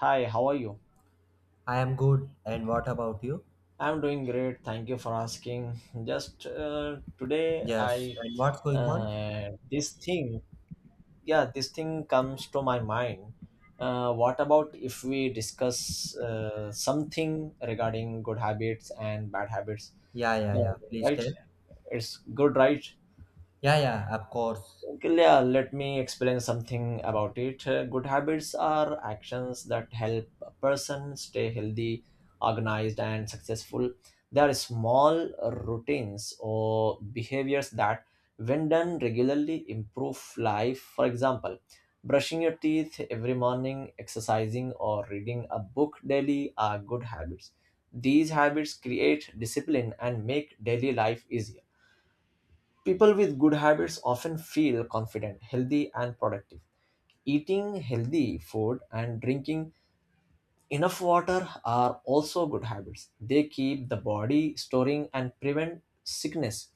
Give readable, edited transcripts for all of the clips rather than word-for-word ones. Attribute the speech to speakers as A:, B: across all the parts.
A: Hi, how are you?
B: I am good. And what about you?
A: I'm doing great. Thank you for asking. Just today,
B: Yes.
A: I
B: And what's going on?
A: this thing, yeah, this thing comes to my mind. What about if we discuss something regarding good habits and bad habits?
B: Yeah, yeah,
A: Uh,
B: yeah. Please
A: right?
B: tell.
A: It's good, right?
B: Yeah, yeah, of course.
A: Okay. Yeah, let me explain something about it. Good habits are actions that help a person stay healthy, organized, and successful. They are small routines or behaviors that, when done regularly, improve life. For example, brushing your teeth every morning, exercising, or reading a book daily are good habits. These habits create discipline and make daily life easier. People with good habits often feel confident, healthy, and productive. Eating healthy food and drinking enough water are also good habits. They keep the body storing and prevent sickness.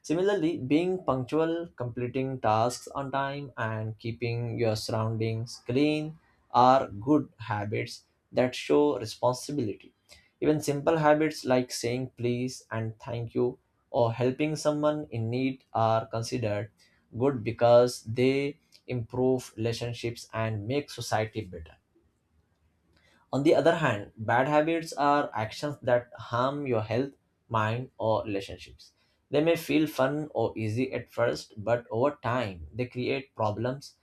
A: Similarly, being punctual, completing tasks on time, and keeping your surroundings clean are good habits that show responsibility. Even simple habits like saying please and thank you or helping someone in need are considered good because they improve relationships and make society better. On the other hand, bad habits are actions that harm your health, mind, or relationships. They may feel fun or easy at first, but over time, they create problems.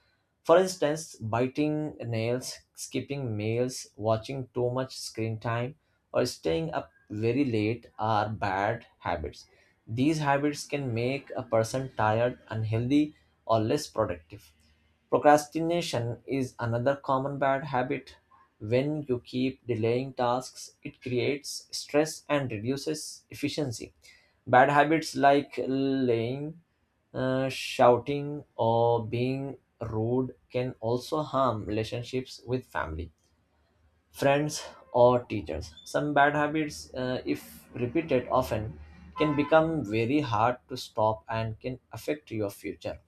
A: For instance, biting nails, skipping meals, watching too much screen time, or staying up very late are bad habits. These habits can make a person tired, unhealthy, or less productive. Procrastination is another common bad habit. When you keep delaying tasks, it creates stress and reduces efficiency. Bad habits like lying, shouting, or being rude can also harm relationships with family, friends, or teachers. Some bad habits, if repeated often, can become very hard to stop and can affect your future.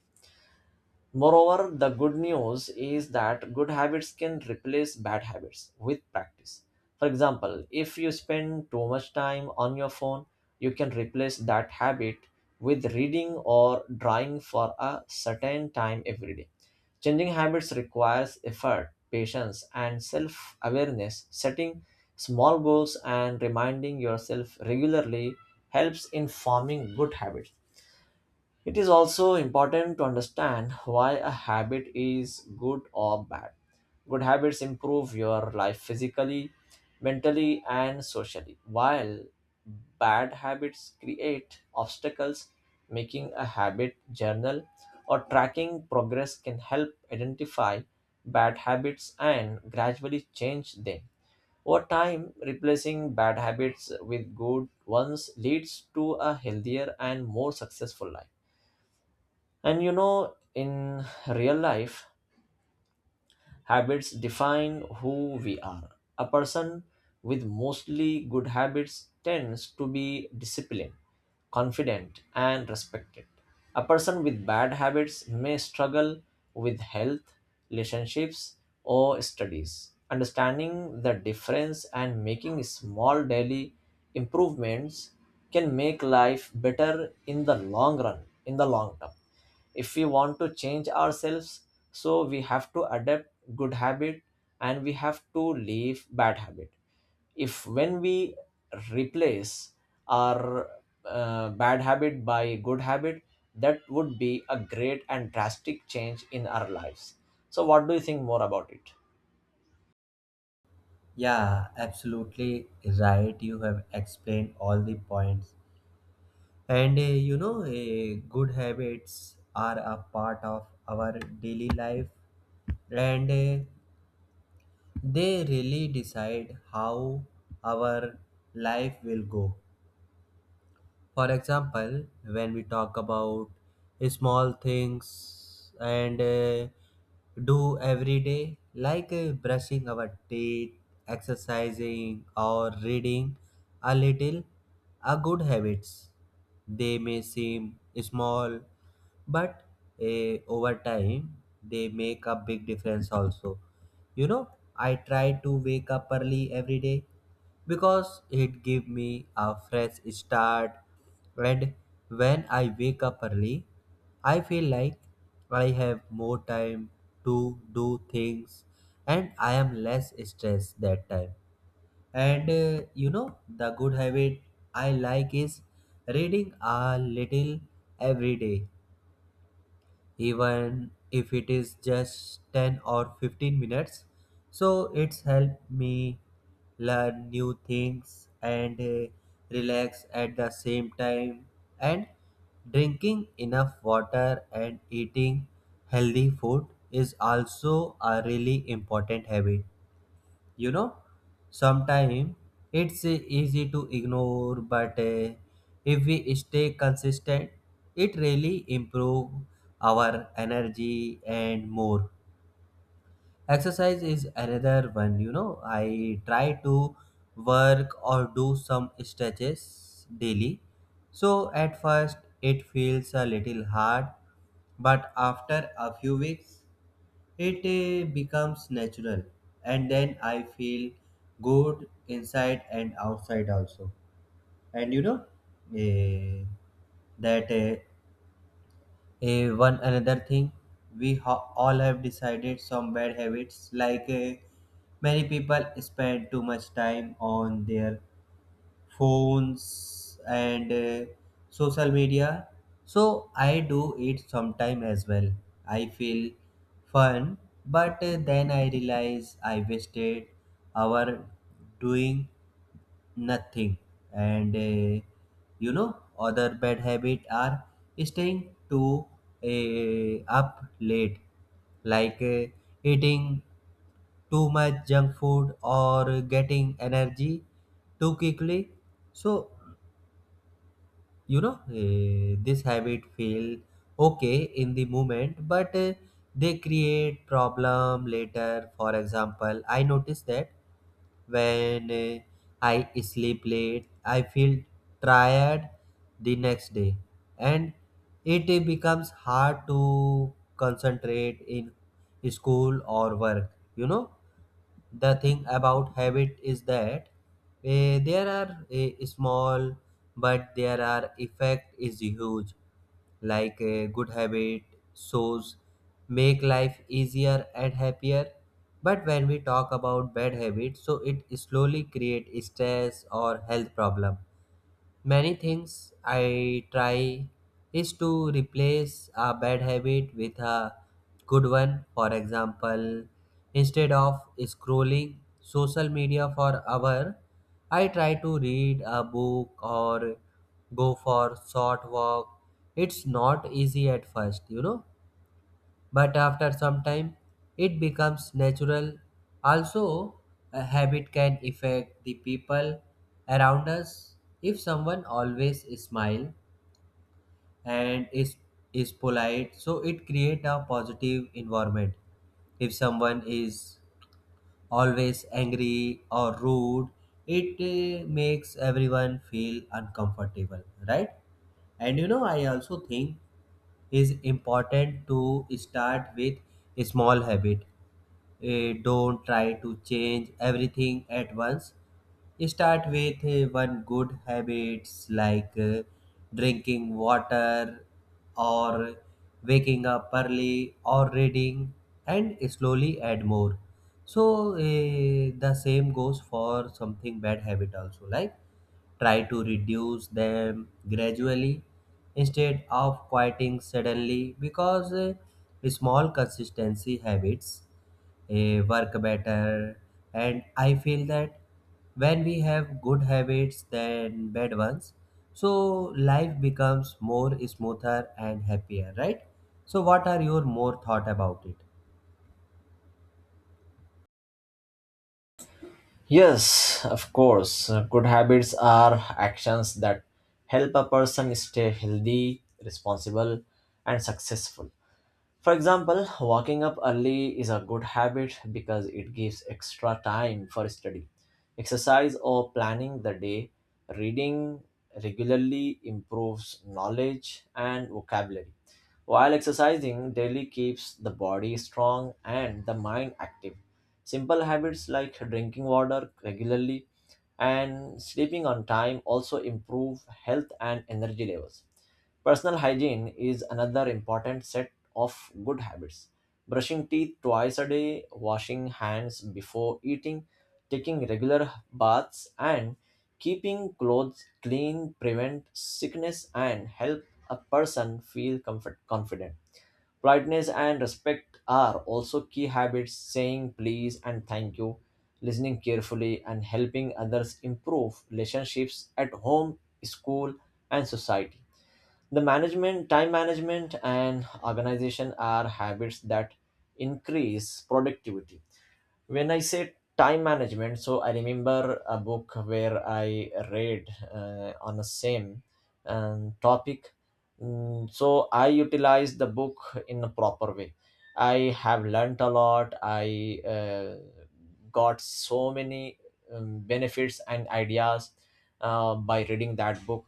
A: Moreover, the good news is that good habits can replace bad habits with practice. For example, if you spend too much time on your phone, you can replace that habit with reading or drawing for a certain time every day. Changing habits requires effort, patience, and self awareness. Setting small goals and reminding yourself regularly helps in forming good habits. It is also important to understand why a habit is good or bad. Good habits improve your life physically, mentally, and socially, while bad habits create obstacles. Making a habit journal or tracking progress can help identify bad habits and gradually change them. Over time, replacing bad habits with good ones leads to a healthier and more successful life. And you know, in real life, habits define who we are. A person with mostly good habits tends to be disciplined, confident, and respected. A person with bad habits may struggle with health, relationships, or studies. Understanding the difference and making small daily improvements can make life better in the long run, in the long term. If we want to change ourselves, so we have to adapt good habit and we have to leave bad habit. If when we replace our bad habit by good habit, that would be a great and drastic change in our lives. So what do you think more about it?
B: Yeah, absolutely right. You have explained all the points. And you know, good habits are a part of our daily life, and they really decide how our life will go. For example, when we talk about small things and do every day, like brushing our teeth, exercising, or reading a little, are good habits. They may seem small, but over time, they make a big difference also. You know, I try to wake up early every day because it gives me a fresh start. And when I wake up early, I feel like I have more time to do things, and I am less stressed that time. And you know, the good habit I like is reading a little every day, even if it is just 10 or 15 minutes. So it's helped me learn new things and relax at the same time. And drinking enough water and eating healthy food is also a really important habit. You know, sometimes it's easy to ignore, but if we stay consistent it really improve our energy and more. Exercise is another one, you know. I try to work or do some stretches daily. So at first it feels a little hard, but after a few weeks it becomes natural, and then I feel good inside and outside also. And you know, eh, that uh, one another thing we all have decided some bad habits, like many people spend too much time on their phones and social media. So I do it sometime as well. I feel fun, but then I realize I wasted our doing nothing. And you know, other bad habit are staying too up late, like eating too much junk food or getting energy too quickly. So you know, this habit feel okay in the moment, but they create problem later. For example, I noticed that when I sleep late I feel tired the next day, and it becomes hard to concentrate in school or work. You know, the thing about habit is that there are small, but their are effect is huge. Like a good habit shows make life easier and happier, but when we talk about bad habits, so it slowly create stress or health problem. Many things I try is to replace a bad habit with a good one. For example, instead of scrolling social media for hour, I try to read a book or go for short walk. It's not easy at first, you know, but after some time it becomes natural. Also, a habit can affect the people around us. If someone always smile and is polite, so it create a positive environment. If someone is always angry or rude, it makes everyone feel uncomfortable, right? And you know, I also think is important to start with a small habit. Don't try to change everything at once. Start with one good habits, like drinking water or waking up early or reading, and slowly add more. So the same goes for something bad habit also, like try to reduce them gradually instead of quieting suddenly, because small consistency habits work better. And I feel that when we have good habits than bad ones, so life becomes more smoother and happier, right? So what are your more thought about it?
A: Yes, of course. Good habits are actions that help a person stay healthy, responsible, and successful. For example, waking up early is a good habit because it gives extra time for study, exercise, or planning the day. Reading regularly improves knowledge and vocabulary, while exercising daily keeps the body strong and the mind active. Simple habits like drinking water regularly and sleeping on time also improve health and energy levels. Personal hygiene is another important set of good habits: brushing teeth twice a day, washing hands before eating, taking regular baths, and keeping clothes clean prevent sickness and help a person feel comfort, confident. Politeness and respect are also key habits. Saying please and thank you, listening carefully, and helping others improve relationships at home, school, and society. The management, time management, and organization are habits that increase productivity. When I say time management, so I remember a book where I read on the same topic. So I utilized the book in a proper way. I have learnt a lot. I got so many benefits and ideas by reading that book.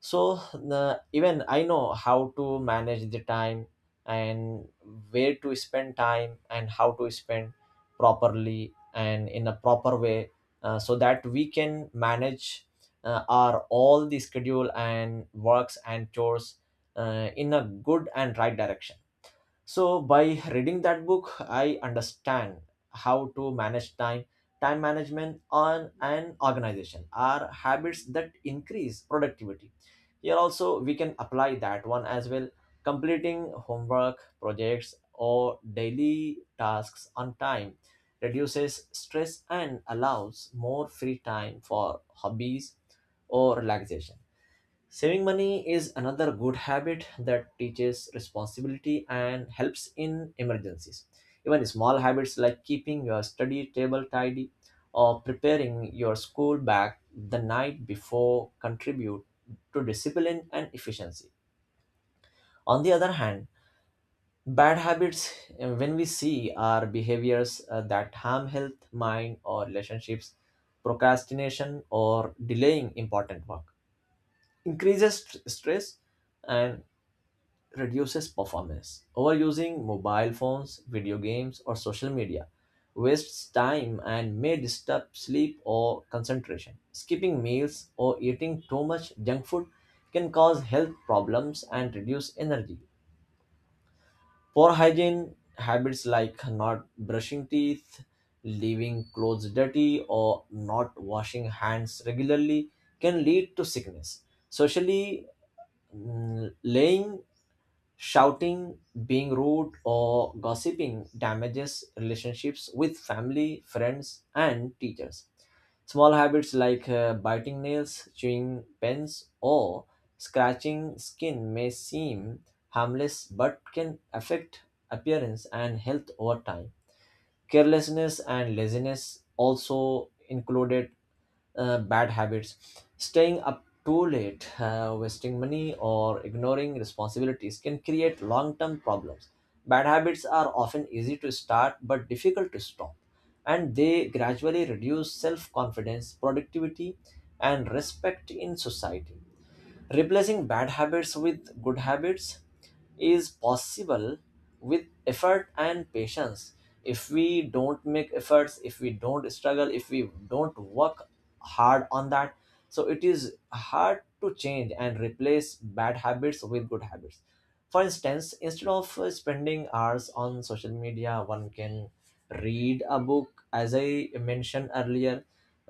A: So the even I know how to manage the time and where to spend time and how to spend properly and in a proper way, so that we can manage our all the schedule and works and chores in a good and right direction. So by reading that book, I understand how to manage time. Time management on an organization are habits that increase productivity. Here also we can apply that one as well. Completing homework, projects or daily tasks on time reduces stress and allows more free time for hobbies or relaxation. Saving money is another good habit that teaches responsibility and helps in emergencies. Even small habits like keeping your study table tidy or preparing your school bag the night before contribute to discipline and efficiency. On the other hand, bad habits, when we see, are behaviors that harm health, mind, or relationships. Procrastination, or delaying important work, increases stress, and reduces performance. Overusing mobile phones, video games, or social media wastes time and may disturb sleep or concentration. Skipping meals or eating too much junk food can cause health problems and reduce energy. Poor hygiene habits like not brushing teeth, leaving clothes dirty, or not washing hands regularly can lead to sickness. Socially, mm, laying shouting, being rude, or gossiping damages relationships with family, friends, and teachers. Small habits like biting nails, chewing pens, or scratching skin may seem harmless but can affect appearance and health over time. Carelessness and laziness also included bad habits. Staying up too late, wasting money, or ignoring responsibilities can create long term problems. Bad habits are often easy to start but difficult to stop, and they gradually reduce self confidence, productivity, and respect in society. Replacing bad habits with good habits is possible with effort and patience. If we don't make efforts, if we don't struggle, if we don't work hard on that, so it is hard to change and replace bad habits with good habits. For instance, instead of spending hours on social media, one can read a book. As I mentioned earlier,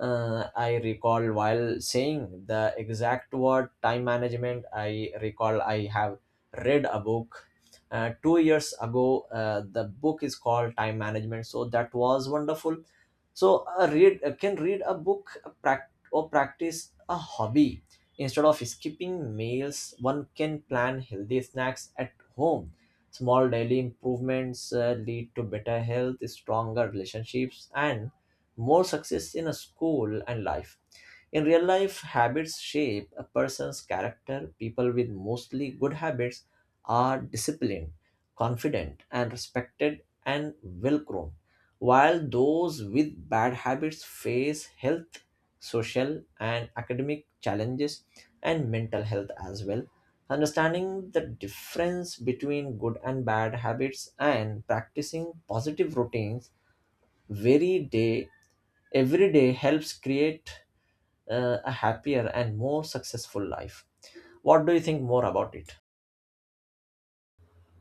A: I recall while saying the exact word time management, I recall I have read a book 2 years ago. The book is called time management, so that was wonderful. So read can read a book, prac- or practice a hobby. Instead of skipping meals, one can plan healthy snacks at home. Small daily improvements lead to better health, stronger relationships, and more success in a school and life. In real life, habits shape a person's character. People with mostly good habits are disciplined, confident, and respected and well grown, while those with bad habits face health, social, and academic challenges and mental health as well. Understanding the difference between good and bad habits and practicing positive routines very day every day helps create a happier and more successful life. What do you think more about it?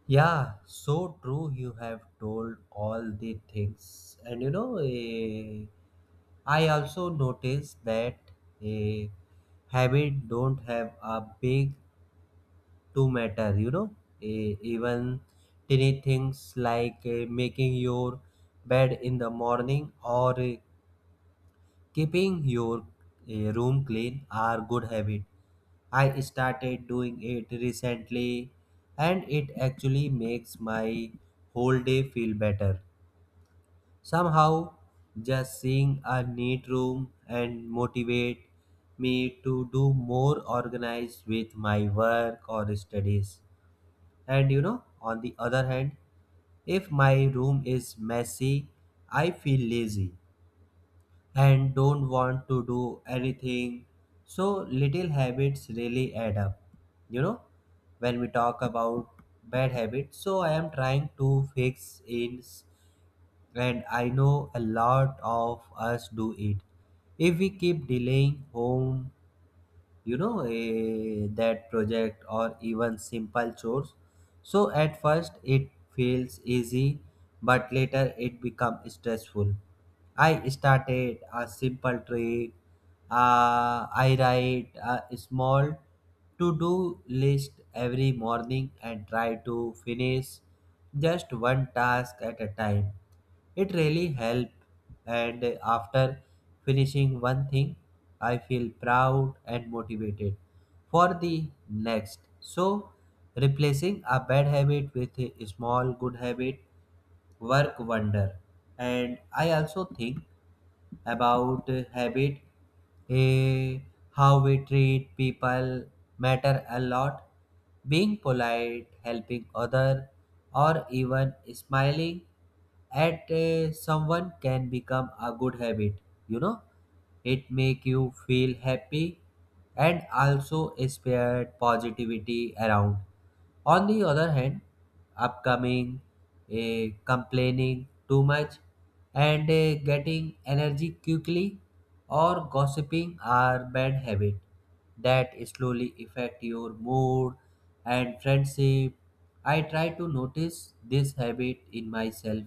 B: Yeah, so true. You have told all the things, and you know, I also noticed that a habit don't have a big to matter. You know, even tiny things like making your bed in the morning or keeping your room clean are good habit. I started doing it recently and it actually makes my whole day feel better. Somehow just seeing a neat room and motivate me to do more organized with my work or studies. And you know, on the other hand, if my room is messy, I feel lazy and don't want to do anything. So little habits really add up. You know, when we talk about bad habits, so I am trying to fix it, and I know a lot of us do it. If we keep delaying home, you know, that project or even simple chores, so at first it feels easy but later it becomes stressful. I started a simple trick. I write a small to do list every morning and try to finish just one task at a time. It really helped, and after finishing one thing I feel proud and motivated for the next. So replacing a bad habit with a small good habit work wonder. And I also think about habit, eh, how we treat people matter a lot. Being polite, helping other, or even smiling at someone can become a good habit. You know, it make you feel happy and also spread positivity around. On the other hand, upcoming, complaining too much, and getting energy quickly or gossiping are bad habits that slowly affect your mood and friendship. I try to notice this habit in myself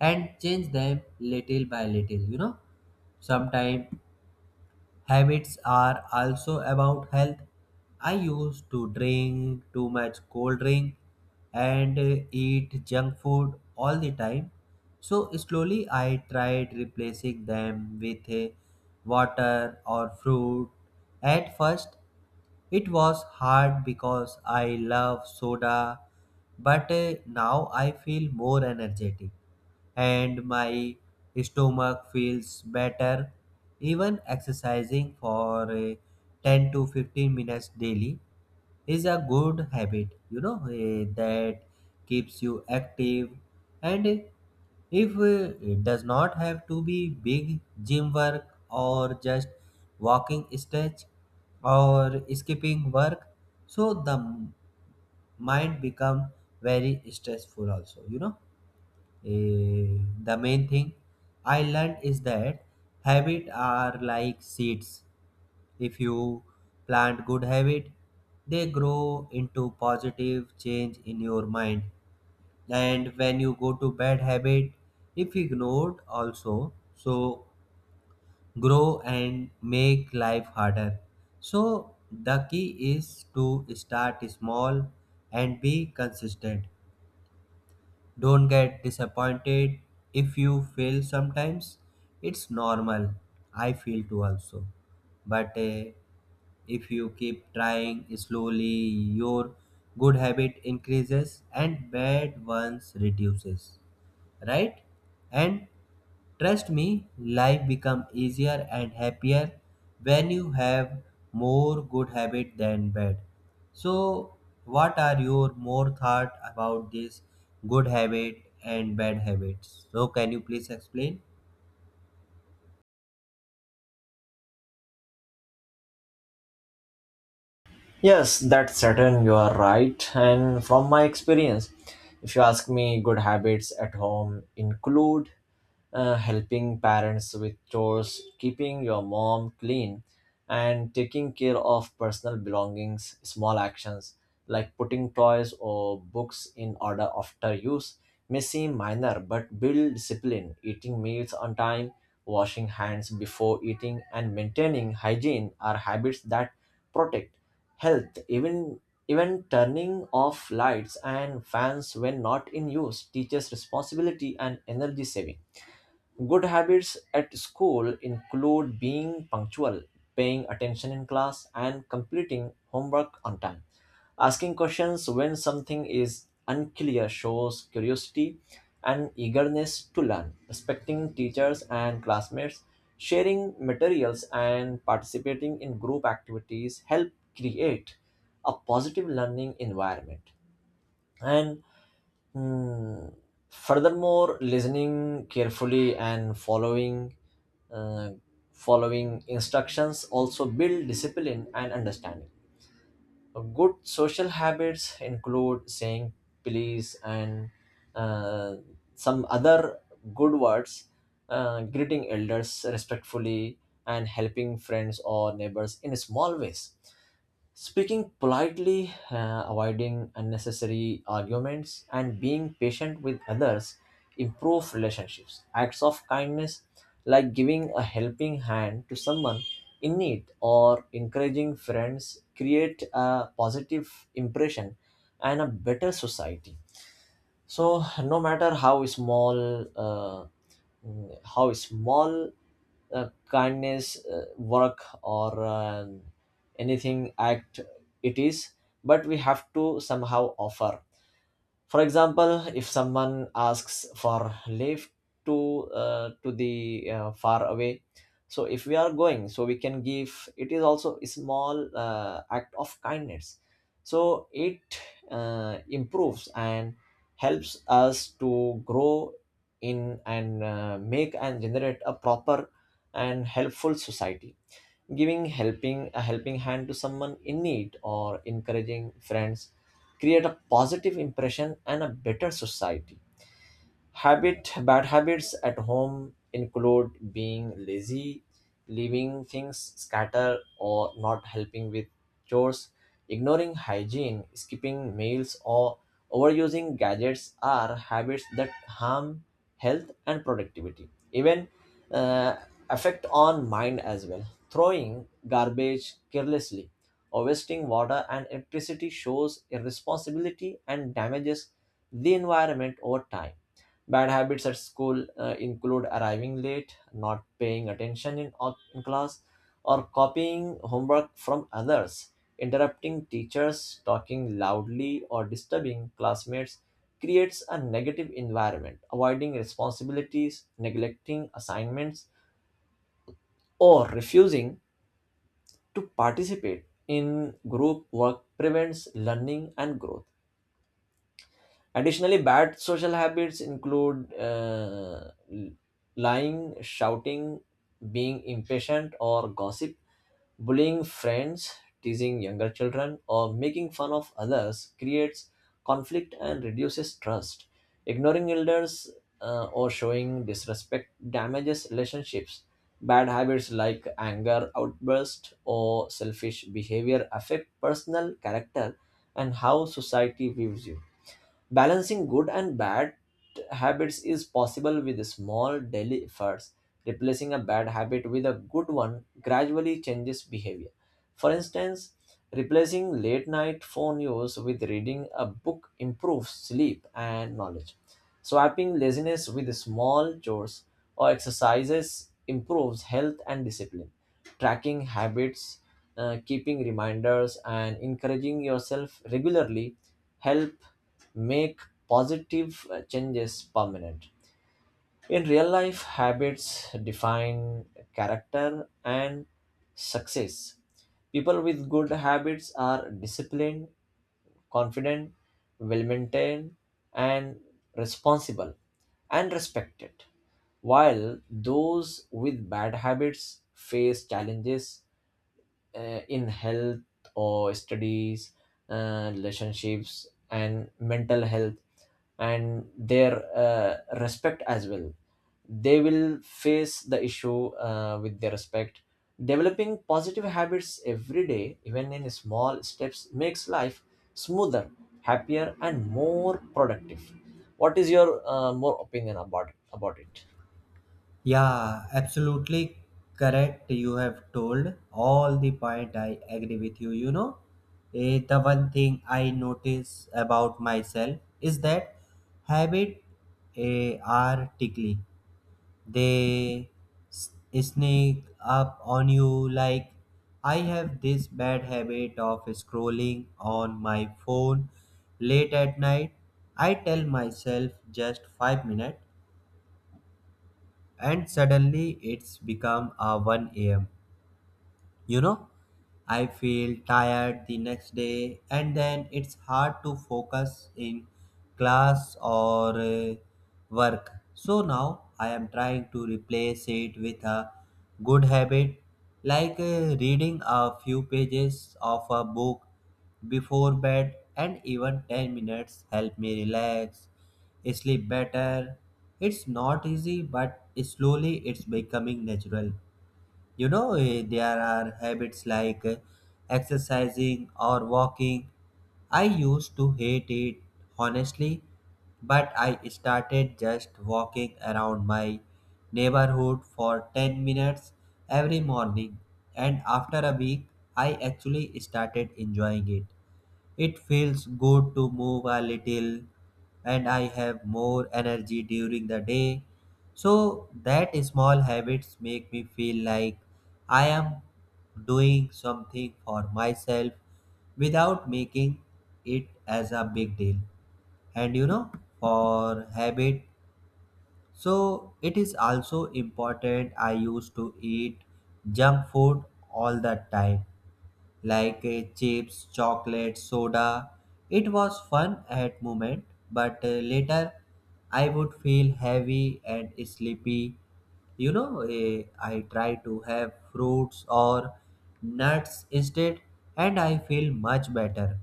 B: and change them little by little, you know. Sometimes habits are also about health. I used to drink too much cold drink and eat junk food all the time. So slowly I tried replacing them with water or fruit. At first it was hard because I love soda, but now I feel more energetic and my stomach feels better. Even exercising for 10 to 15 minutes daily is a good habit, you know, that keeps you active and if it does not have to be big gym work or just walking stretch or skipping work. So the mind become very stressful also, you know. The main thing I learned is that habit are like seeds. If you plant good habit, they grow into positive change in your mind. And when you go to bad habit, if ignored also, so grow and make life harder. So the key is to start small and be consistent. Don't get disappointed if you fail sometimes. It's normal. I feel too also. But if you keep trying slowly, your good habit increases and bad ones reduces, right? And trust me, life become easier and happier when you have more good habit than bad. So what are your more thought about this good habit and bad habits? So can you please explain?
A: Yes, that's certain. You are right. And from my experience, if you ask me, good habits at home include helping parents with chores, keeping your mom clean, and taking care of personal belongings. Small actions like putting toys or books in order after use may seem minor but build discipline. Eating meals on time, washing hands before eating, and maintaining hygiene are habits that protect health. Even turning off lights and fans when not in use teaches responsibility and energy saving. Good habits at school include being punctual, paying attention in class, and completing homework on time. Asking questions when something is unclear shows curiosity and eagerness to learn. Respecting teachers and classmates, sharing materials, and participating in group activities help create a positive learning environment. And Mm, Furthermore, listening carefully and uh, following instructions also build discipline and understanding. Good social habits include saying please and uh, some other good words, greeting elders respectfully, and helping friends or neighbors in small ways. Speaking politely, avoiding unnecessary arguments, and being patient with others improve relationships. Acts of kindness, like giving a helping hand to someone in need or encouraging friends, create a positive impression and a better society. So no matter how small kindness work or anything act it is, but we have to somehow offer. For example, if someone asks for leave to the far away, so if we are going, so we can give. It is also a small act of kindness, so it improves and helps us to grow in, and make and generate a proper and helpful society. Giving helping a helping hand to someone in need or encouraging friends create a positive impression and a better society. Habit Bad habits at home include being lazy, leaving things scatter or not helping with chores. Ignoring hygiene, skipping meals or overusing gadgets are habits that harm health and productivity. Even uh, affect on mind as well. Throwing garbage carelessly or wasting water and electricity shows irresponsibility and damages the environment over time. Bad habits at school include arriving late, not paying attention in class, or copying homework from others. Interrupting teachers, talking loudly, or disturbing classmates creates a negative environment. Avoiding responsibilities, neglecting assignments, or refusing to participate in group work prevents learning and growth. Additionally, bad social habits include lying, shouting, being impatient, or gossip. Bullying friends, teasing younger children, or making fun of others creates conflict and reduces trust. Ignoring elders or showing disrespect damages relationships. Bad habits like anger outburst or selfish behavior affect personal character and how society views you. Balancing good and bad habits is possible with small daily efforts. Replacing a bad habit with a good one gradually changes behavior. For instance, replacing late night phone use with reading a book improves sleep and knowledge. Swapping laziness with small chores or exercises improves health and discipline. Tracking habits, keeping reminders, and encouraging yourself regularly help make positive changes permanent. In real life, habits define character and success. People with good habits are disciplined, confident, well maintained, and responsible and respected, while those with bad habits face challenges in health or studies, relationships, and mental health, and their respect as well. They will face the issue with their respect. Developing positive habits every day, even in small steps, makes life smoother, happier, and more productive. What is your more opinion about it?
B: Yeah, absolutely correct. You have told all the point. I agree with you. You know, the one thing I notice about myself is that habit are tickly. They s- sneak up on you. Like, I have this bad habit of scrolling on my phone late at night. I tell myself just 5 minutes, and suddenly it's become a 1 a.m. You know, I feel tired the next day, and then it's hard to focus in class or work. So now I am trying to replace it with a good habit, like reading a few pages of a book before bed, and even 10 minutes help me relax, sleep better. It's not easy, but slowly it's becoming natural. You know, there are habits like exercising or walking. I used to hate it, honestly, but I started just walking around my neighborhood for 10 minutes every morning, and after a week I actually started enjoying it. It feels good to move a little, and I have more energy during the day. So that small habits make me feel like I am doing something for myself without making it as a big deal. And you know, for habit, so it is also important. I used to eat junk food all the time, like chips, chocolate, soda. It was fun at moment, but later I would feel heavy and sleepy. You know, I try to have fruits or nuts instead, and I feel much better.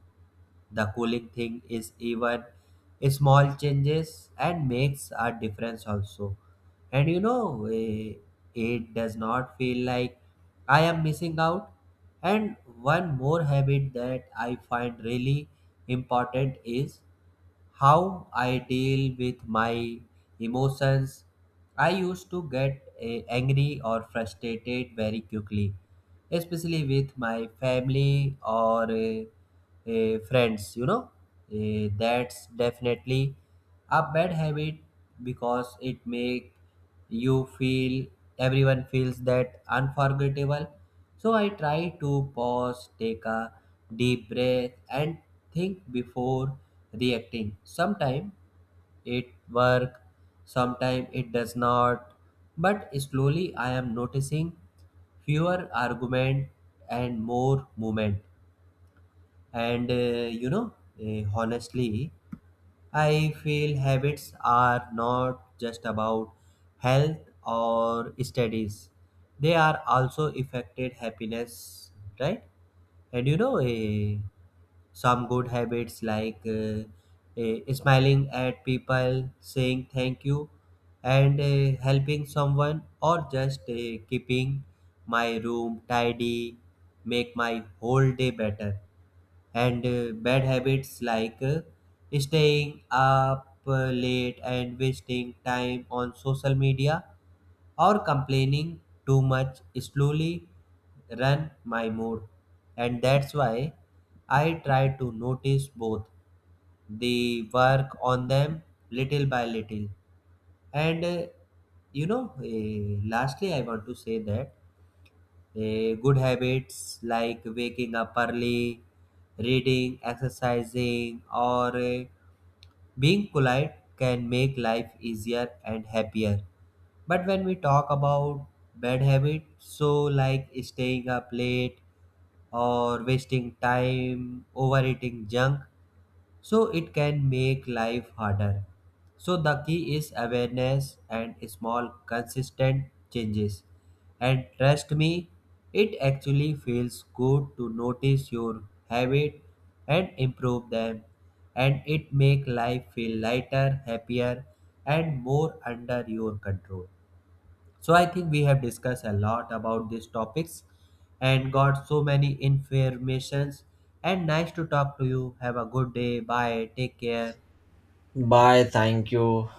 B: The cooling thing is even small changes and makes a difference also. And you know, it does not feel like I am missing out. And one more habit that I find really important is how I deal with my emotions. I used to get angry or frustrated very quickly, especially with my family or friends. You know, that's definitely a bad habit because it make you feel everyone feels that unforgettable. So I try to pause, take a deep breath, and think before reacting. Sometimes it work, sometimes it does not, but slowly I am noticing fewer argument and more movement. And you know, honestly, I feel habits are not just about health or studies. They are also affected happiness, right? And you know, some good habits like smiling at people, saying thank you, and helping someone, or just keeping my room tidy, make my whole day better. And bad habits like staying up late and wasting time on social media or complaining too much slowly run my mood. And that's why I try to notice both the work on them little by little. And you know, lastly I want to say that good habits like waking up early, reading, exercising, or being polite can make life easier and happier. But when we talk about bad habits, so like staying up late or wasting time, overeating junk, so it can make life harder. So the key is awareness and small consistent changes. And trust me, it actually feels good to notice your habit and improve them, and it make life feel lighter, happier, and more under your control. So I think we have discussed a lot about these topics and got so many informations, and nice to talk to you. Have a good day. Bye. Take care.
A: Bye. Thank you.